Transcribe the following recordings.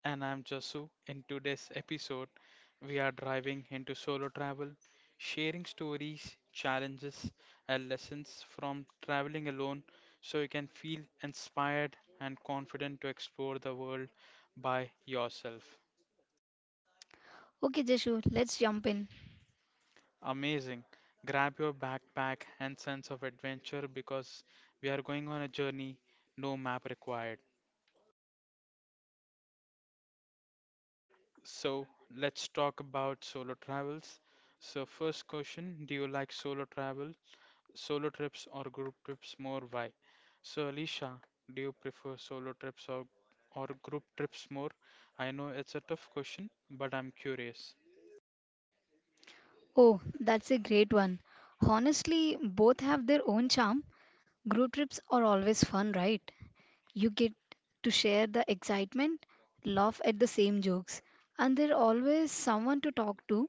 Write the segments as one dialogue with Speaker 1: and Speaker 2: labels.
Speaker 1: And I'm Jasu. In today's episode, we are driving into solo travel, sharing stories, challenges, and lessons from traveling alone so you can feel inspired and confident to explore the world by yourself.
Speaker 2: Okay, Jeshu, let's jump in.
Speaker 1: Amazing. Grab your backpack and sense of adventure because we are going on a journey, no map required. So, let's talk about solo travels. First question, do you like solo travel, solo trips or group trips more? Why? So, Alicia, do you prefer solo trips or group trips more? I know it's a tough question, but I'm curious.
Speaker 2: Oh, that's a great one. Honestly, both have their own charm. Group trips are always fun, right? You get to share the excitement, laugh at the same jokes, and there's always someone to talk to,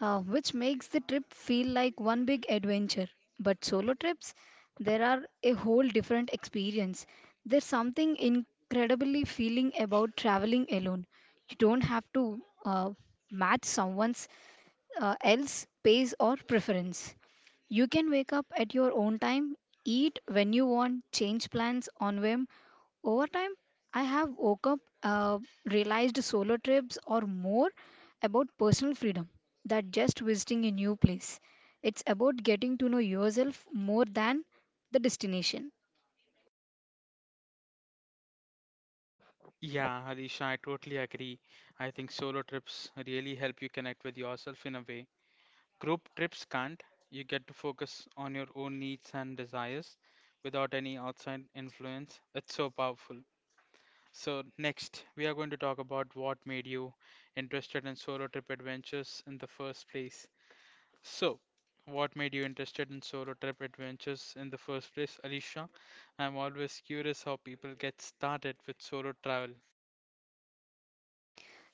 Speaker 2: which makes the trip feel like one big adventure. But solo trips, there are a whole different experience. There's something incredibly feeling about traveling alone. You don't have to match someone's else pace or preference. You can wake up at your own time, eat when you want, change plans on whim, over time, I have woke up, realized solo trips are more about personal freedom than just visiting a new place. It's about getting to know yourself more than the destination.
Speaker 1: Yeah, Alisha, I totally agree. I think solo trips really help you connect with yourself in a way group trips can't. You get to focus on your own needs and desires without any outside influence. It's so powerful. So, next, we are going to talk about what made you interested in solo trip adventures in the first place. So, what made you interested in solo trip adventures in the first place, Alicia? I'm always curious how people get started with solo travel.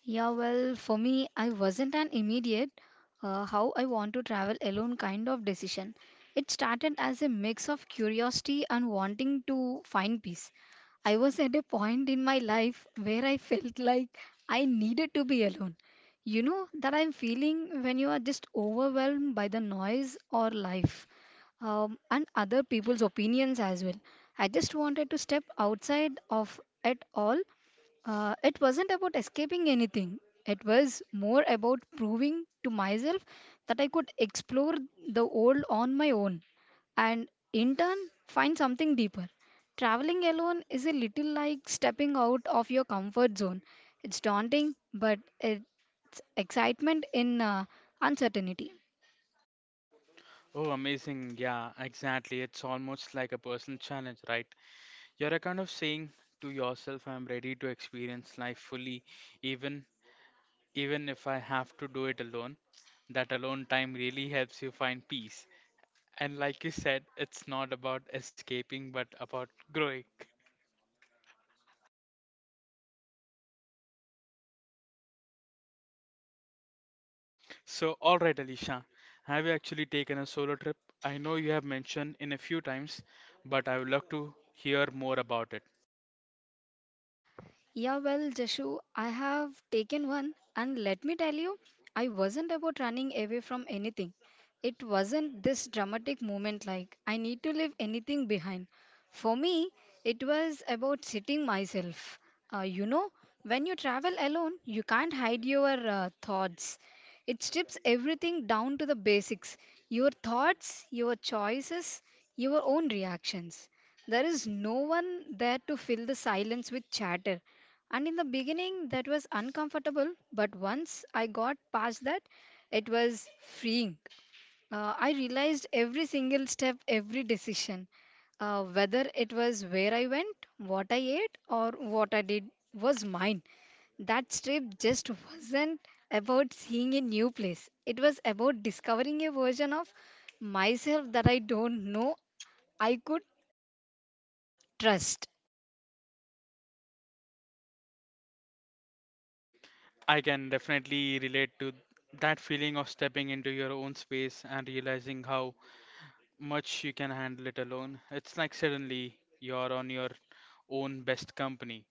Speaker 2: Yeah, well, for me, I wasn't an immediate how I want to travel alone kind of decision. It started as a mix of curiosity and wanting to find peace. I was at a point in my life where I felt like I needed to be alone. You know that I'm feeling when you are just overwhelmed by the noise or life and other people's opinions as well. I just wanted to step outside of it all. It wasn't about escaping anything, it was more about proving to myself that I could explore the world on my own and in turn find something deeper. Traveling alone is a little like stepping out of your comfort zone. It's daunting, but it's excitement in uncertainty.
Speaker 1: Oh, amazing. Yeah, exactly. It's almost like a personal challenge, right? You're a kind of saying to yourself, I'm ready to experience life fully, even even if I have to do it alone. That alone time really helps you find peace. And like you said, it's not about escaping but about growing. All right, Alicia, have you actually taken a solo trip? I know you have mentioned in a few times, but I would love to hear more about it.
Speaker 2: Yeah, well, Jashu, I have taken one, and let me tell you, I wasn't about running away from anything. It wasn't this dramatic moment like I need to leave anything behind. For me, it was about sitting myself. You know, when you travel alone, you can't hide your thoughts. It strips everything down to the basics your thoughts, your choices, your own reactions. There is no one there to fill the silence with chatter. And in the beginning, that was uncomfortable, but once I got past that, it was freeing. I realized every single step, every decision, whether it was where I went, what I ate, or what I did, was mine. That trip just wasn't about seeing a new place, it was about discovering a version of myself that I don't know I could trust.
Speaker 1: I can definitely relate to that feeling of stepping into your own space and realizing how much you can handle it alone. It's like suddenly you're on your own best company.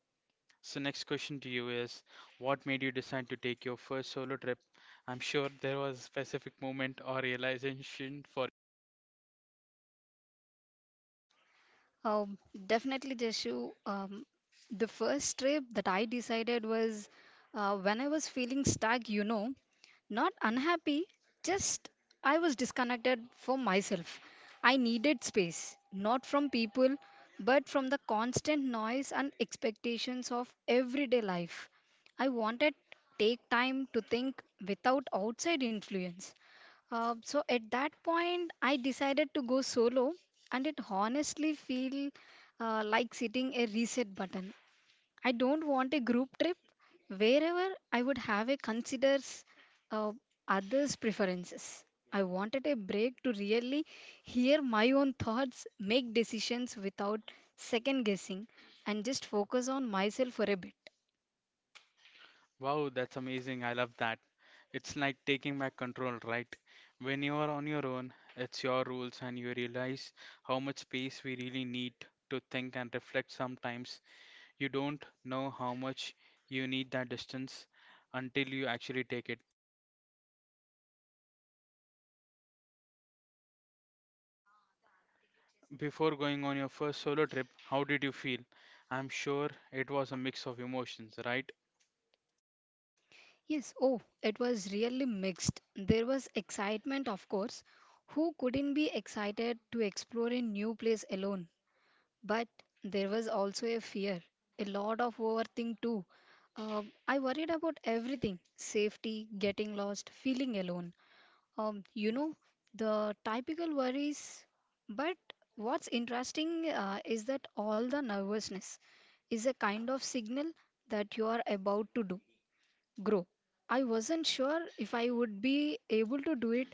Speaker 1: So, next question to you is, what made you decide to take your first solo trip? I'm sure there was a specific moment or realization for.
Speaker 2: Um, definitely, Jashu. The first trip that I decided was when I was feeling stuck, you know, not unhappy, just I was disconnected from myself. I needed space, not from people, but from the constant noise and expectations of everyday life. I wanted take time to think without outside influence. So at that point, I decided to go solo, and it honestly feel like sitting a reset button. I don't want a group trip wherever I would have a considers uh, others' preferences. I wanted a break to really hear my own thoughts, make decisions without second guessing, and just focus on myself for a bit.
Speaker 1: Wow, that's amazing. I love that. It's like taking back control, right? When you are on your own, it's your rules, and you realize how much space we really need to think and reflect sometimes. You don't know how much you need that distance until you actually take it. Before going on your first solo trip, how did you feel? I'm sure it was a mix of emotions, right?
Speaker 2: Yes, oh, it was really mixed. There was excitement, of course. Who couldn't be excited to explore a new place alone? But there was also a fear, a lot of overthink too. I worried about everything safety, getting lost, feeling alone. You know, the typical worries. But what's interesting is that all the nervousness is a kind of signal that you are about to do grow. I wasn't sure if I would be able to do it,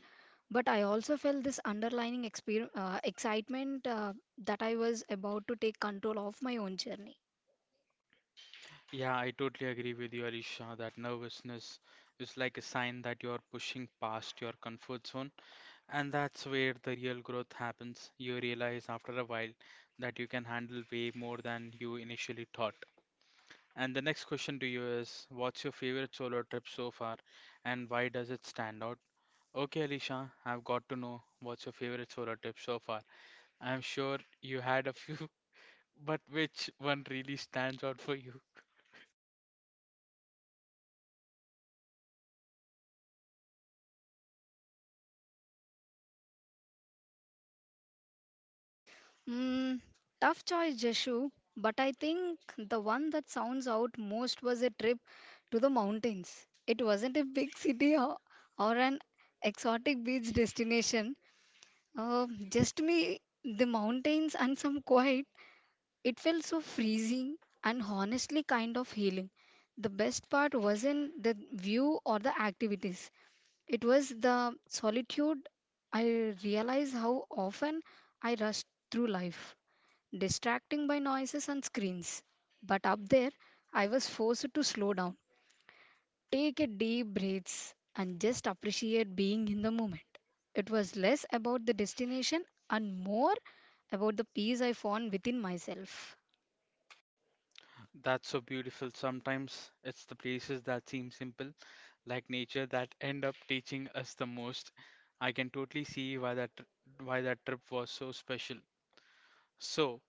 Speaker 2: but I also felt this underlining excitement that I was about to take control of my own journey.
Speaker 1: Yeah, I totally agree with you, Alisha. That nervousness is like a sign that you're pushing past your comfort zone. And that's where the real growth happens. You realize after a while that you can handle way more than you initially thought. And the next question to you is, what's your favorite solo trip so far and why does it stand out? Okay, Alisha, I've got to know what's your favorite solo trip so far. I'm sure you had a few, but which one really stands out for you?
Speaker 2: Mm, tough choice, Jeshu, but I think the one that sounds out most was a trip to the mountains. It wasn't a big city or an exotic beach destination, just me, the mountains, and some quiet. It felt so freezing and honestly kind of healing. The best part wasn't the view or the activities, it was the solitude. I realized how often I rushed through life, distracting by noises and screens. But up there, I was forced to slow down, take a deep breaths, and just appreciate being in the moment. It was less about the destination and more about the peace I found within myself.
Speaker 1: That's so beautiful. Sometimes it's the places that seem simple, like nature, that end up teaching us the most. I can totally see why that trip was so special. So,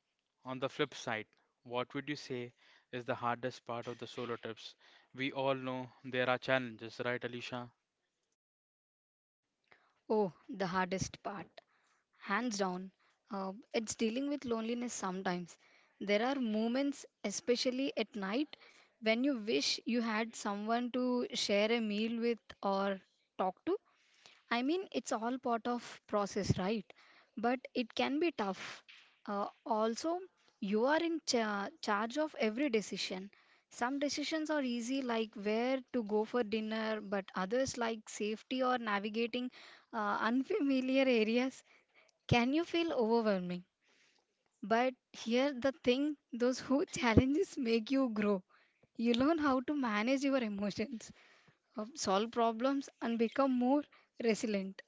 Speaker 1: on the flip side, what would you say is the hardest part of the solo trips? We all know there are challenges, right, Alicia?
Speaker 2: Oh, the hardest part, hands down. It's dealing with loneliness sometimes. There are moments, especially at night, when you wish you had someone to share a meal with or talk to. I mean, it's all part of process, right? But it can be tough. Also, you are in charge of every decision. Some decisions are easy, like where to go for dinner, but others, like safety or navigating unfamiliar areas, can you feel overwhelming. But here, the thing those who challenges make you grow. You learn how to manage your emotions, solve problems, and become more resilient.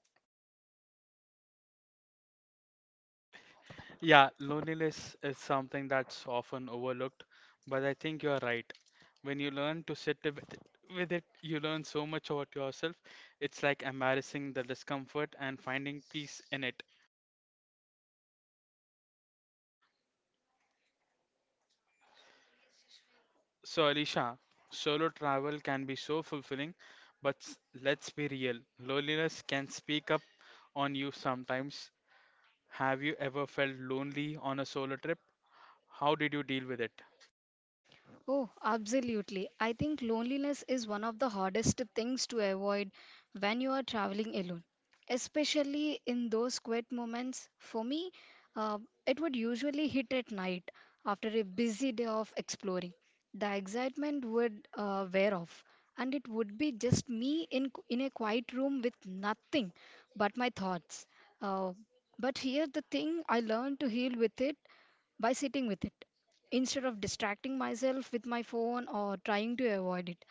Speaker 1: Yeah, loneliness is something that's often overlooked, but I think you're right. When you learn to sit with it, you learn so much about yourself. It's like embracing the discomfort and finding peace in it. So, Alicia, solo travel can be so fulfilling, but let's be real. Loneliness can speak up on you sometimes. Have you ever felt lonely on a solo trip? How did you deal with it?
Speaker 2: Oh, absolutely. I think loneliness is one of the hardest things to avoid when you are traveling alone, especially in those quiet moments. For me, uh, it would usually hit at night after a busy day of exploring. The excitement would wear off, and it would be just me in a quiet room with nothing but my thoughts. Uh, but here, the thing I learned to heal with it by sitting with it. Instead of distracting myself with my phone or trying to avoid it,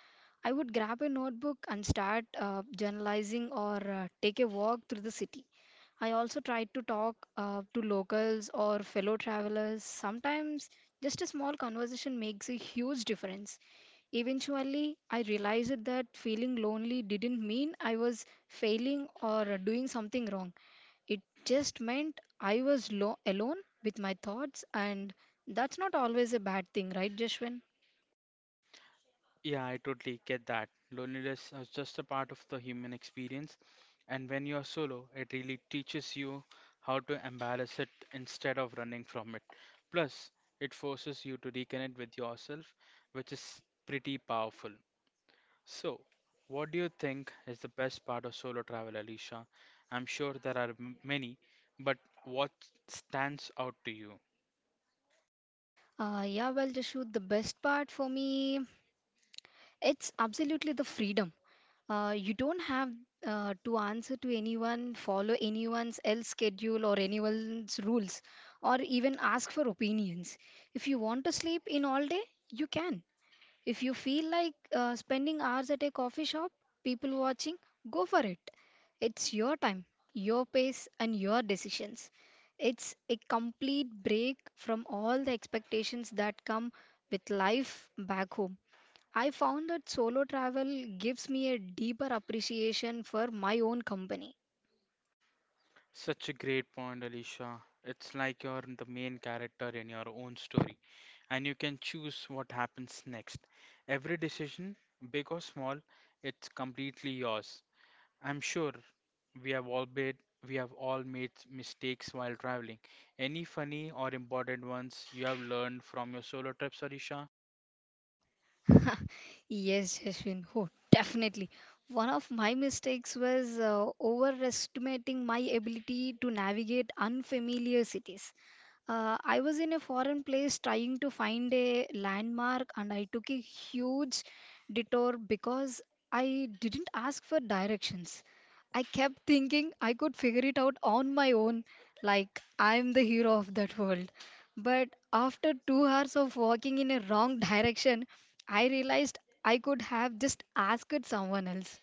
Speaker 2: I would grab a notebook and start journalizing or take a walk through the city. I also try to talk to locals or fellow travelers. Sometimes just a small conversation makes a huge difference. Eventually, I realized that feeling lonely didn't mean I was failing or doing something wrong. It just meant I was alone with my thoughts, and that's not always a bad thing, right, Jashwin?
Speaker 1: Yeah, I totally get that. Loneliness is just a part of the human experience, and when you're solo, it really teaches you how to embrace it instead of running from it. Plus, it forces you to reconnect with yourself, which is pretty powerful. So, what do you think is the best part of solo travel, Alicia? I'm sure there are many, but what stands out to you?
Speaker 2: Yeah, well, Jashu, the best part for me, it's absolutely the freedom. You don't have to answer to anyone, follow anyone's else schedule or anyone's rules, or even ask for opinions. If you want to sleep in all day, you can. If you feel like spending hours at a coffee shop, people watching, go for it. It's your time, your pace, and your decisions. It's a complete break from all the expectations that come with life back home. I found that solo travel gives me a deeper appreciation for my own company.
Speaker 1: Such a great point, Alicia. It's like you're the main character in your own story, and you can choose what happens next. Every decision, big or small, it's completely yours. I'm sure we have all made we have all made mistakes while traveling. Any funny or important ones you have learned from your solo trips, Alicia?
Speaker 2: Yes, Ashwin. Oh, definitely. One of my mistakes was overestimating my ability to navigate unfamiliar cities. I was in a foreign place trying to find a landmark, and I took a huge detour because I didn't ask for directions. I kept thinking I could figure it out on my own, like I'm the hero of that world. But after 2 hours of walking in a wrong direction, I realized I could have just asked someone else.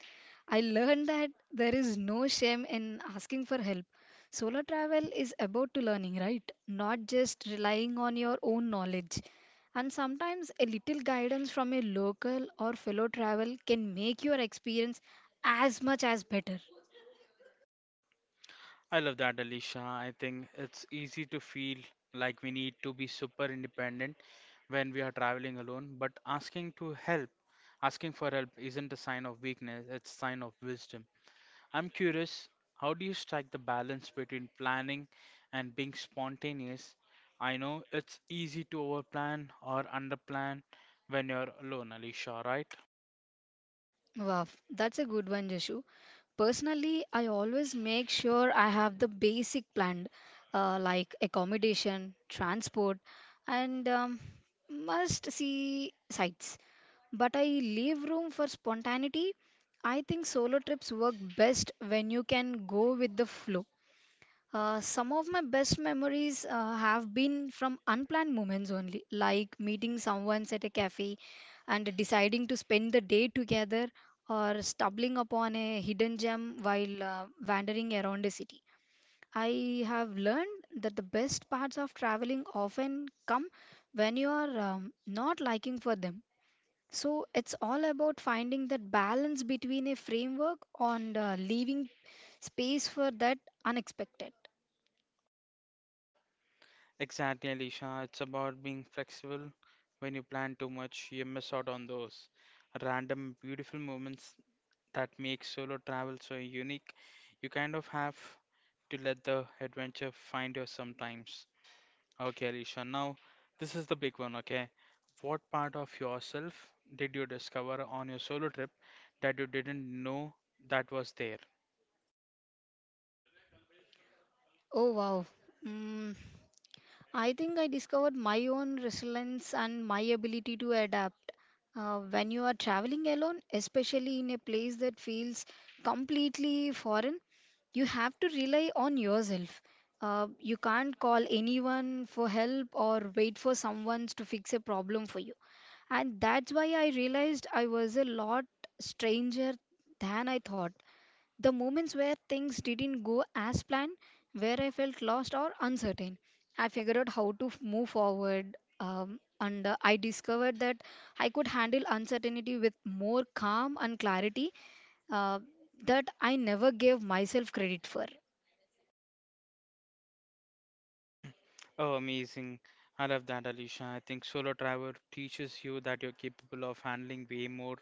Speaker 2: I learned that there is no shame in asking for help. Solo travel is about to learning, right? Not just relying on your own knowledge. And sometimes a little guidance from a local or fellow travel can make your experience as much as better.
Speaker 1: I love that, Alicia. I think it's easy to feel like we need to be super independent when we are traveling alone, but asking for help isn't a sign of weakness, it's a sign of wisdom. I'm curious, how do you strike the balance between planning and being spontaneous? I know it's easy to overplan or underplan when you're alone, Alicia, right?
Speaker 2: Wow, that's a good one, Jashu. Personally, I always make sure I have the basic planned, like accommodation, transport, and must see sites but I leave room for spontaneity. I think solo trips work best when you can go with the flow. Some of my best memories have been from unplanned moments only, like meeting someone at a cafe and deciding to spend the day together, or stumbling upon a hidden gem while wandering around a city. I have learned that the best parts of traveling often come when you are not liking for them. So it's all about finding that balance between a framework and leaving space for that unexpected.
Speaker 1: Exactly, Alisha. It's about being flexible. When you plan too much, you miss out on those random beautiful moments that make solo travel so unique. You kind of have to let the adventure find you sometimes. Okay, Alisha. Now, this is the big one, okay? What part of yourself did you discover on your solo trip that you didn't know that was there?
Speaker 2: Oh wow. Mm, I think I discovered my own resilience and my ability to adapt. When you are traveling alone, especially in a place that feels completely foreign, you have to rely on yourself. You can't call anyone for help or wait for someone to fix a problem for you. And that's why I realized I was a lot stranger than I thought. The moments where things didn't go as planned, where I felt lost or uncertain, I figured out how to move forward. And I discovered that I could handle uncertainty with more calm and clarity uh, that I never gave myself credit for.
Speaker 1: Oh, amazing. I love that, Alicia. I think solo travel teaches you that you're capable of handling way more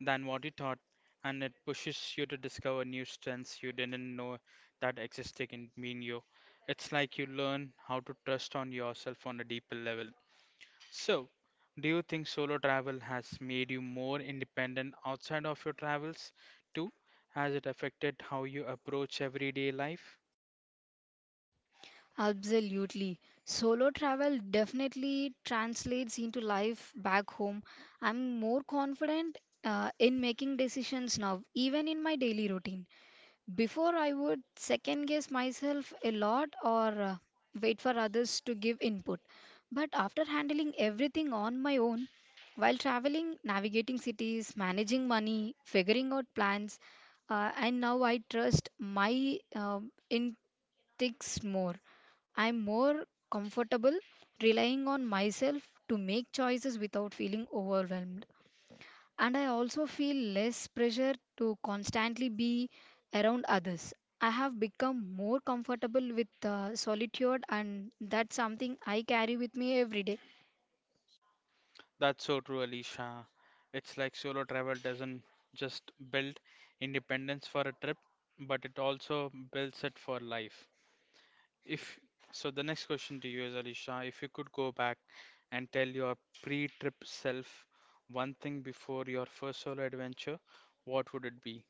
Speaker 1: than what you thought, and it pushes you to discover new strengths you didn't know that existed in you. It's like you learn how to trust on yourself on a deeper level. So, do you think solo travel has made you more independent outside of your travels too? Has it affected how you approach everyday life?
Speaker 2: Absolutely. Solo travel definitely translates into life back home. I'm more confident in making decisions now, even in my daily routine. Before, I would second guess myself a lot or wait for others to give input. But after handling everything on my own, while traveling, navigating cities, managing money, figuring out plans, and now I trust my in sticks more. I'm more comfortable relying on myself to make choices without feeling overwhelmed. And I also feel less pressure to constantly be around others. I have become more comfortable with solitude, and that's something I carry with me every day.
Speaker 1: That's so true, Alicia. It's like solo travel doesn't just build independence for a trip, but it also builds it for life. If so, the next question to you is, Alicia, if you could go back and tell your pre-trip self one thing before your first solo adventure, what would it be?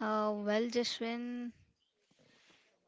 Speaker 2: Well, Jashwin,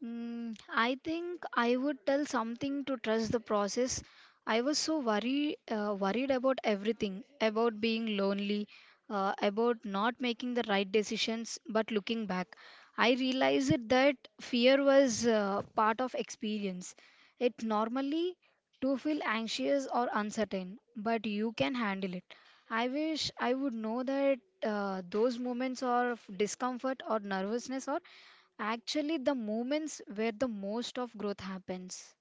Speaker 2: I think I would tell something to trust the process. I was so worried, worried about everything, about being lonely, about not making the right decisions. But looking back, I realized that fear was part of experience. It normally to feel anxious or uncertain, but you can handle it. I wish I would know that those moments of discomfort or nervousness are actually the moments where the most of growth happens.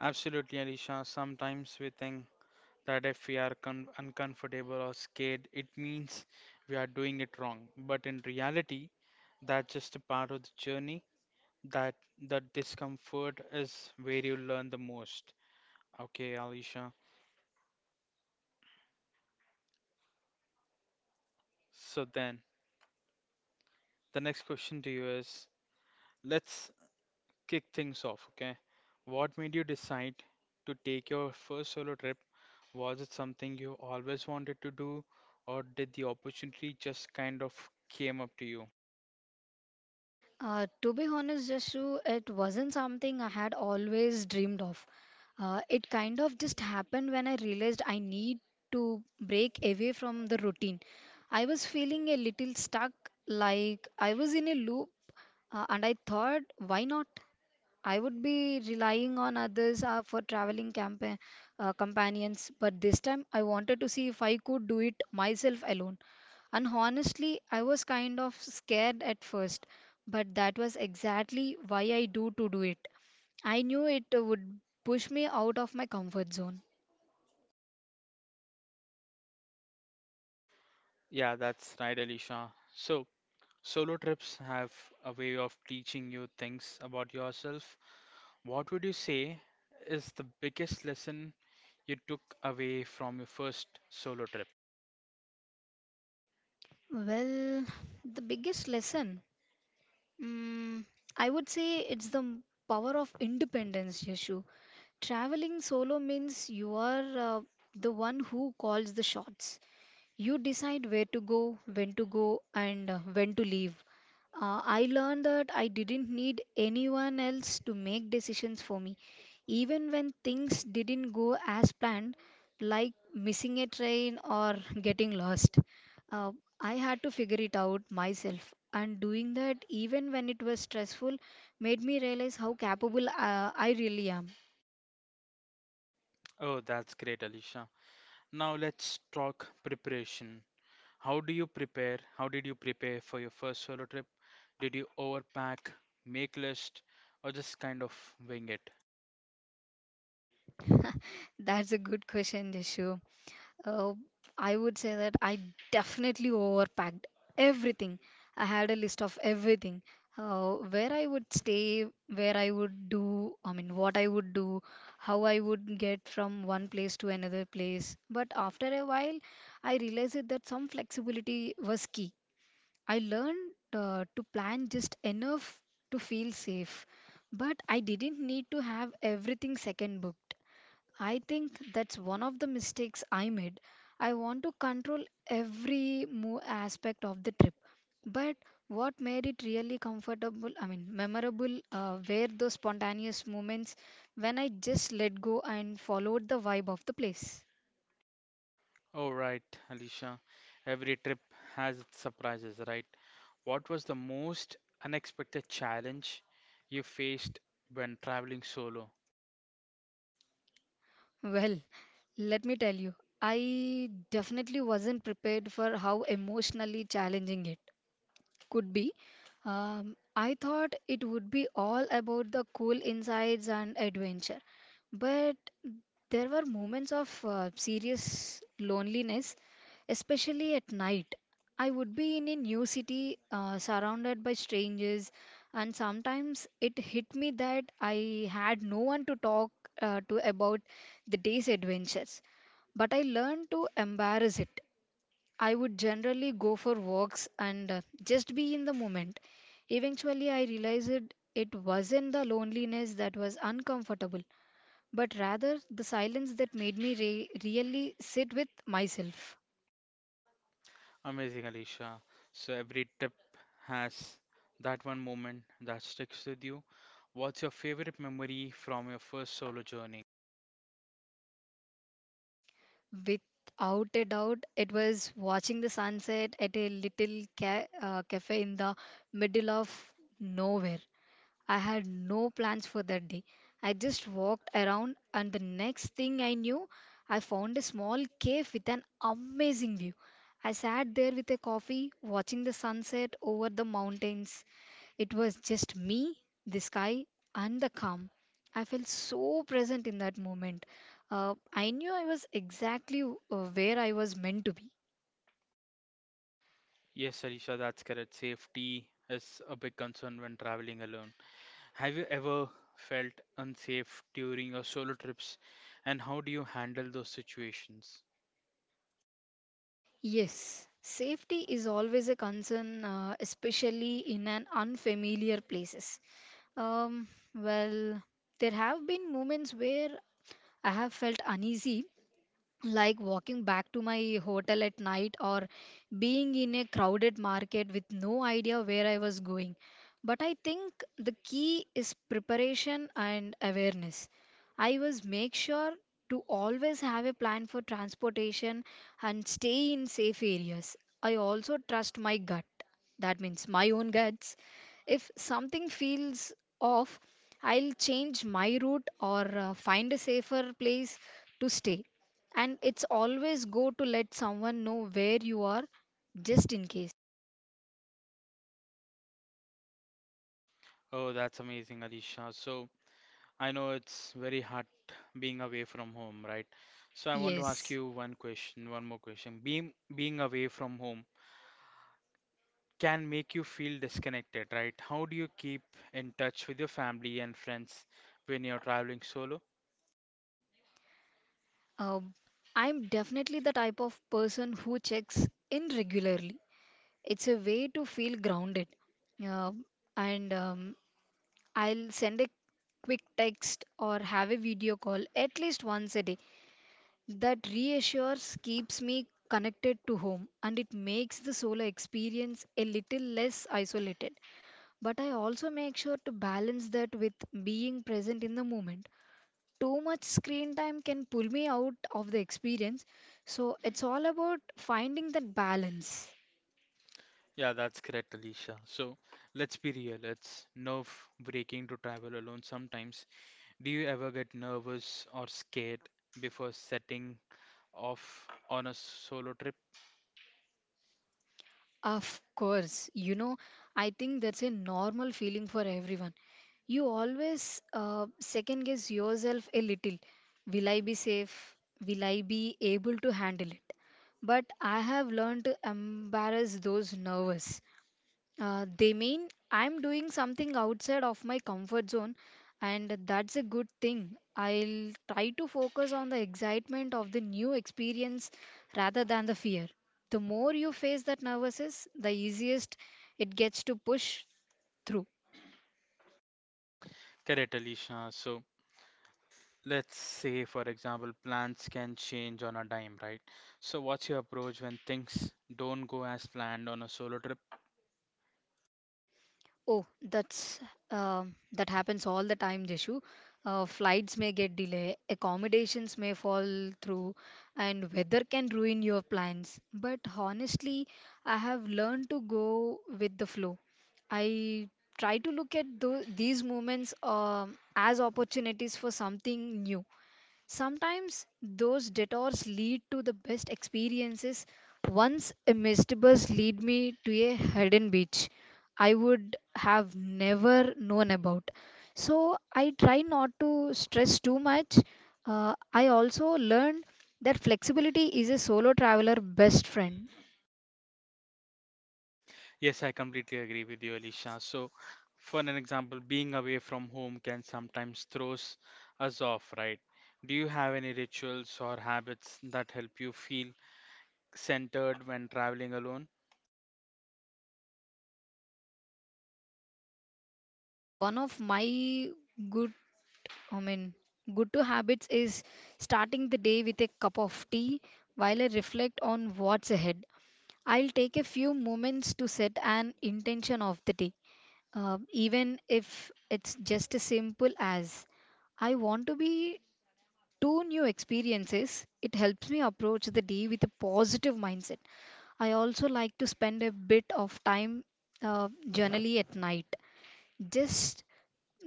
Speaker 1: Absolutely, Alicia. Sometimes we think that if we are uncomfortable or scared, it means we are doing it wrong. But in reality, that's just a part of the journey. That that discomfort is where you learn the most. Okay, Alicia. So then, the next question to you is, let's kick things off. Okay, what made you decide to take your first solo trip? Was it something you always wanted to do, or did the opportunity just kind of came up to you?
Speaker 2: To be honest, Jashu, it wasn't something I had always dreamed of. It kind of just happened when I realized I need to break away from the routine. I was feeling a little stuck, like I was in a loop, and I thought, why not? I would be relying on others for traveling companions, but this time I wanted to see if I could do it myself alone. And honestly, I was kind of scared at first, but that was exactly why I do it. I knew it would push me out of my comfort zone.
Speaker 1: Yeah, that's right, Alicia. So, solo trips have a way of teaching you things about yourself. What would you say is the biggest lesson you took away from your first solo trip?
Speaker 2: Well, the biggest lesson, mm, I would say it's the power of independence, Yashu. Traveling solo means you are the one who calls the shots. You decide where to go, when to go, and when to leave. I learned that I didn't need anyone else to make decisions for me. Even when things didn't go as planned, like missing a train or getting lost, uh, I had to figure it out myself. And doing that, even when it was stressful, made me realize how capable I really am.
Speaker 1: Oh, that's great, Alicia. Now let's talk preparation. How do you prepare? How did you prepare for your first solo trip? Did you overpack, make list, or just kind of wing it?
Speaker 2: That's a good question, Dishu. Uh, I would say that I definitely overpacked everything. I had a list of everything. Where I would stay, where I would do, I mean, what I would do, how I would get from one place to another place. But after a while, I realized it that some flexibility was key. I learned to plan just enough to feel safe, but I didn't need to have everything second booked. I think that's one of the mistakes I made. I want to control every mo aspect of the trip. But what made it really comfortable, I mean, memorable, were those spontaneous moments when I just let go and followed the vibe of the place.
Speaker 1: Oh, right, Alicia. Every trip has its surprises, right? What was the most unexpected challenge you faced when traveling solo?
Speaker 2: Well, let me tell you, I definitely wasn't prepared for how emotionally challenging it could be. I thought it would be all about the cool insides and adventure, but there were moments of serious loneliness, especially at night. I would be in a new city, surrounded by strangers, and sometimes it hit me that I had no one to talk to about the day's adventures. But I learned to embrace it. I would generally go for walks and just be in the moment. Eventually, I realized it wasn't the loneliness that was uncomfortable, but rather the silence that made me really sit with myself.
Speaker 1: Amazing, Alicia. So every trip has that one moment that sticks with you. What's your favorite memory from your first solo journey?
Speaker 2: Without a doubt, it was watching the sunset at a little cafe in the middle of nowhere. I had no plans for that day. I just walked around, and the next thing I knew, I found a small cave with an amazing view. I sat there with a coffee, watching the sunset over the mountains. It was just me, the sky, and the calm. I felt so present in that moment. I knew I was exactly where I was meant to be.
Speaker 1: Yes, Alicia, that's correct. Safety is a big concern when traveling alone. Have you ever felt unsafe during your solo trips and how do you handle those situations?
Speaker 2: Yes, safety is always a concern, especially in an unfamiliar places. Um, well, there have been moments where I have felt uneasy, like walking back to my hotel at night or being in a crowded market with no idea where I was going. But I think the key is preparation and awareness. I was make sure to always have a plan for transportation and stay in safe areas. I also trust my gut. That means my own guts if something feels off, I'll change my route or find a safer place to stay. And it's always good to let someone know where you are just in case.
Speaker 1: Oh, that's amazing, Alisha. So, I know it's very hard being away from home, right? So, I want to ask
Speaker 2: Yes.
Speaker 1: you one more question. Being away from home can make you feel disconnected, right? How do you keep in touch with your family and friends when you're traveling solo?
Speaker 2: Um, I'm definitely the type of person who checks in regularly. It's a way to feel grounded. Um, and I'll send a quick text or have a video call at least once a day. That reassures keeps me connected to home, and it makes the solo experience a little less isolated. But I also make sure to balance that with being present in the moment. Too much screen time can pull me out of the experience, so it's all about finding that balance.
Speaker 1: Yeah, that's correct, Alicia. So let's be real, it's nerve-breaking to travel alone sometimes. Do you ever get nervous or scared before setting off on a solo trip?
Speaker 2: Of course, you know, I think that's a normal feeling for everyone. You always second guess yourself a little. Will I be safe? Will I be able to handle it? But I have learned to embarrass those nervous. They mean I'm doing something outside of my comfort zone, and that's a good thing. I'll try to focus on the excitement of the new experience rather than the fear. The more you face that nervousness, the easiest it gets to push through.
Speaker 1: Correct, Alicia. So let's say, for example, plans can change on a dime, right? So what's your approach when things don't go as planned on a solo trip?
Speaker 2: Oh, that's that happens all the time, Jishu. Flights may get delayed, accommodations may fall through, and weather can ruin your plans. But honestly, I have learned to go with the flow. I try to look at these moments as opportunities for something new. Sometimes those detours lead to the best experiences. Once a misty bus lead me to a hidden beach I would have never known about. So I try not to stress too much. I also learned that flexibility is a solo traveler best friend.
Speaker 1: Yes, I completely agree with you, Alicia. So for an example, being away from home can sometimes throws us off, right? Do you have any rituals or habits that help you feel centered when traveling alone?
Speaker 2: Too, one of my good, I mean, good to habits is starting the day with a cup of tea while I reflect on what's ahead. I'll take a few moments to set an intention of the day, even if it's just as simple as I want to be two new experiences. It helps me approach the day with a positive mindset. I also like to spend a bit of time generally at night, just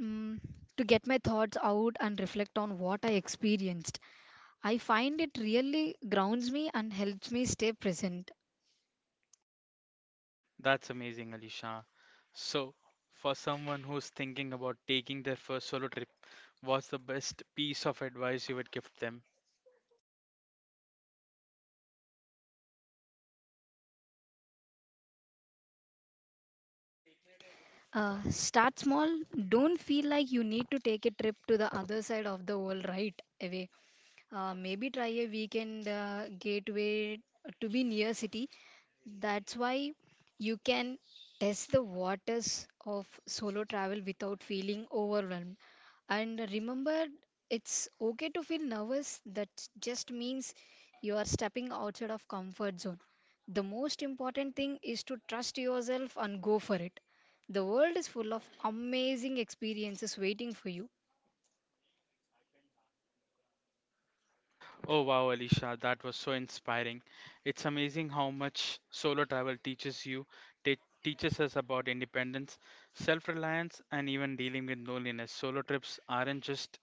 Speaker 2: mm to get my thoughts out and reflect on what I experienced. I find it really grounds me and helps me stay present.
Speaker 1: That's amazing, Alisha. So, for someone who's thinking about taking their first solo trip, what's the best piece of advice you would give them?
Speaker 2: Start small. Don't feel like you need to take a trip to the other side of the world right away. Maybe try a weekend gateway to be near city that's why you can test the waters of solo travel without feeling overwhelmed. And remember, it's okay to feel nervous. That just means you are stepping outside of comfort zone. The most important thing is to trust yourself and go for it. The world is full of amazing experiences waiting for you.
Speaker 1: Oh, wow, Alisha, that was so inspiring. It's amazing how much solo travel teaches you, te- teaches us about independence, self reliance, and even dealing with loneliness. Solo trips aren't just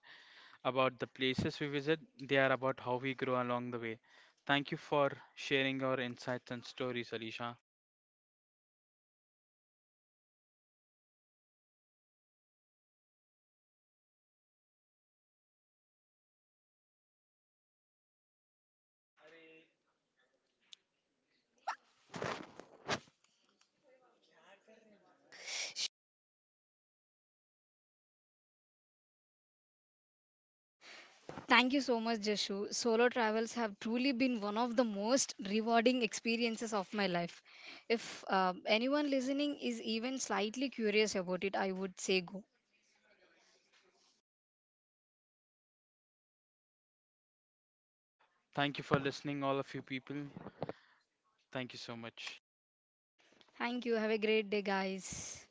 Speaker 1: about the places we visit, they are about how we grow along the way. Thank you for sharing your insights and stories, Alisha.
Speaker 2: Thank you so much, Jashu. Solo travels have truly been one of the most rewarding experiences of my life. If anyone listening is even slightly curious about it, I would say go.
Speaker 1: Thank you for listening, all of you people. Thank you so much.
Speaker 2: Thank you. Have a great day, guys.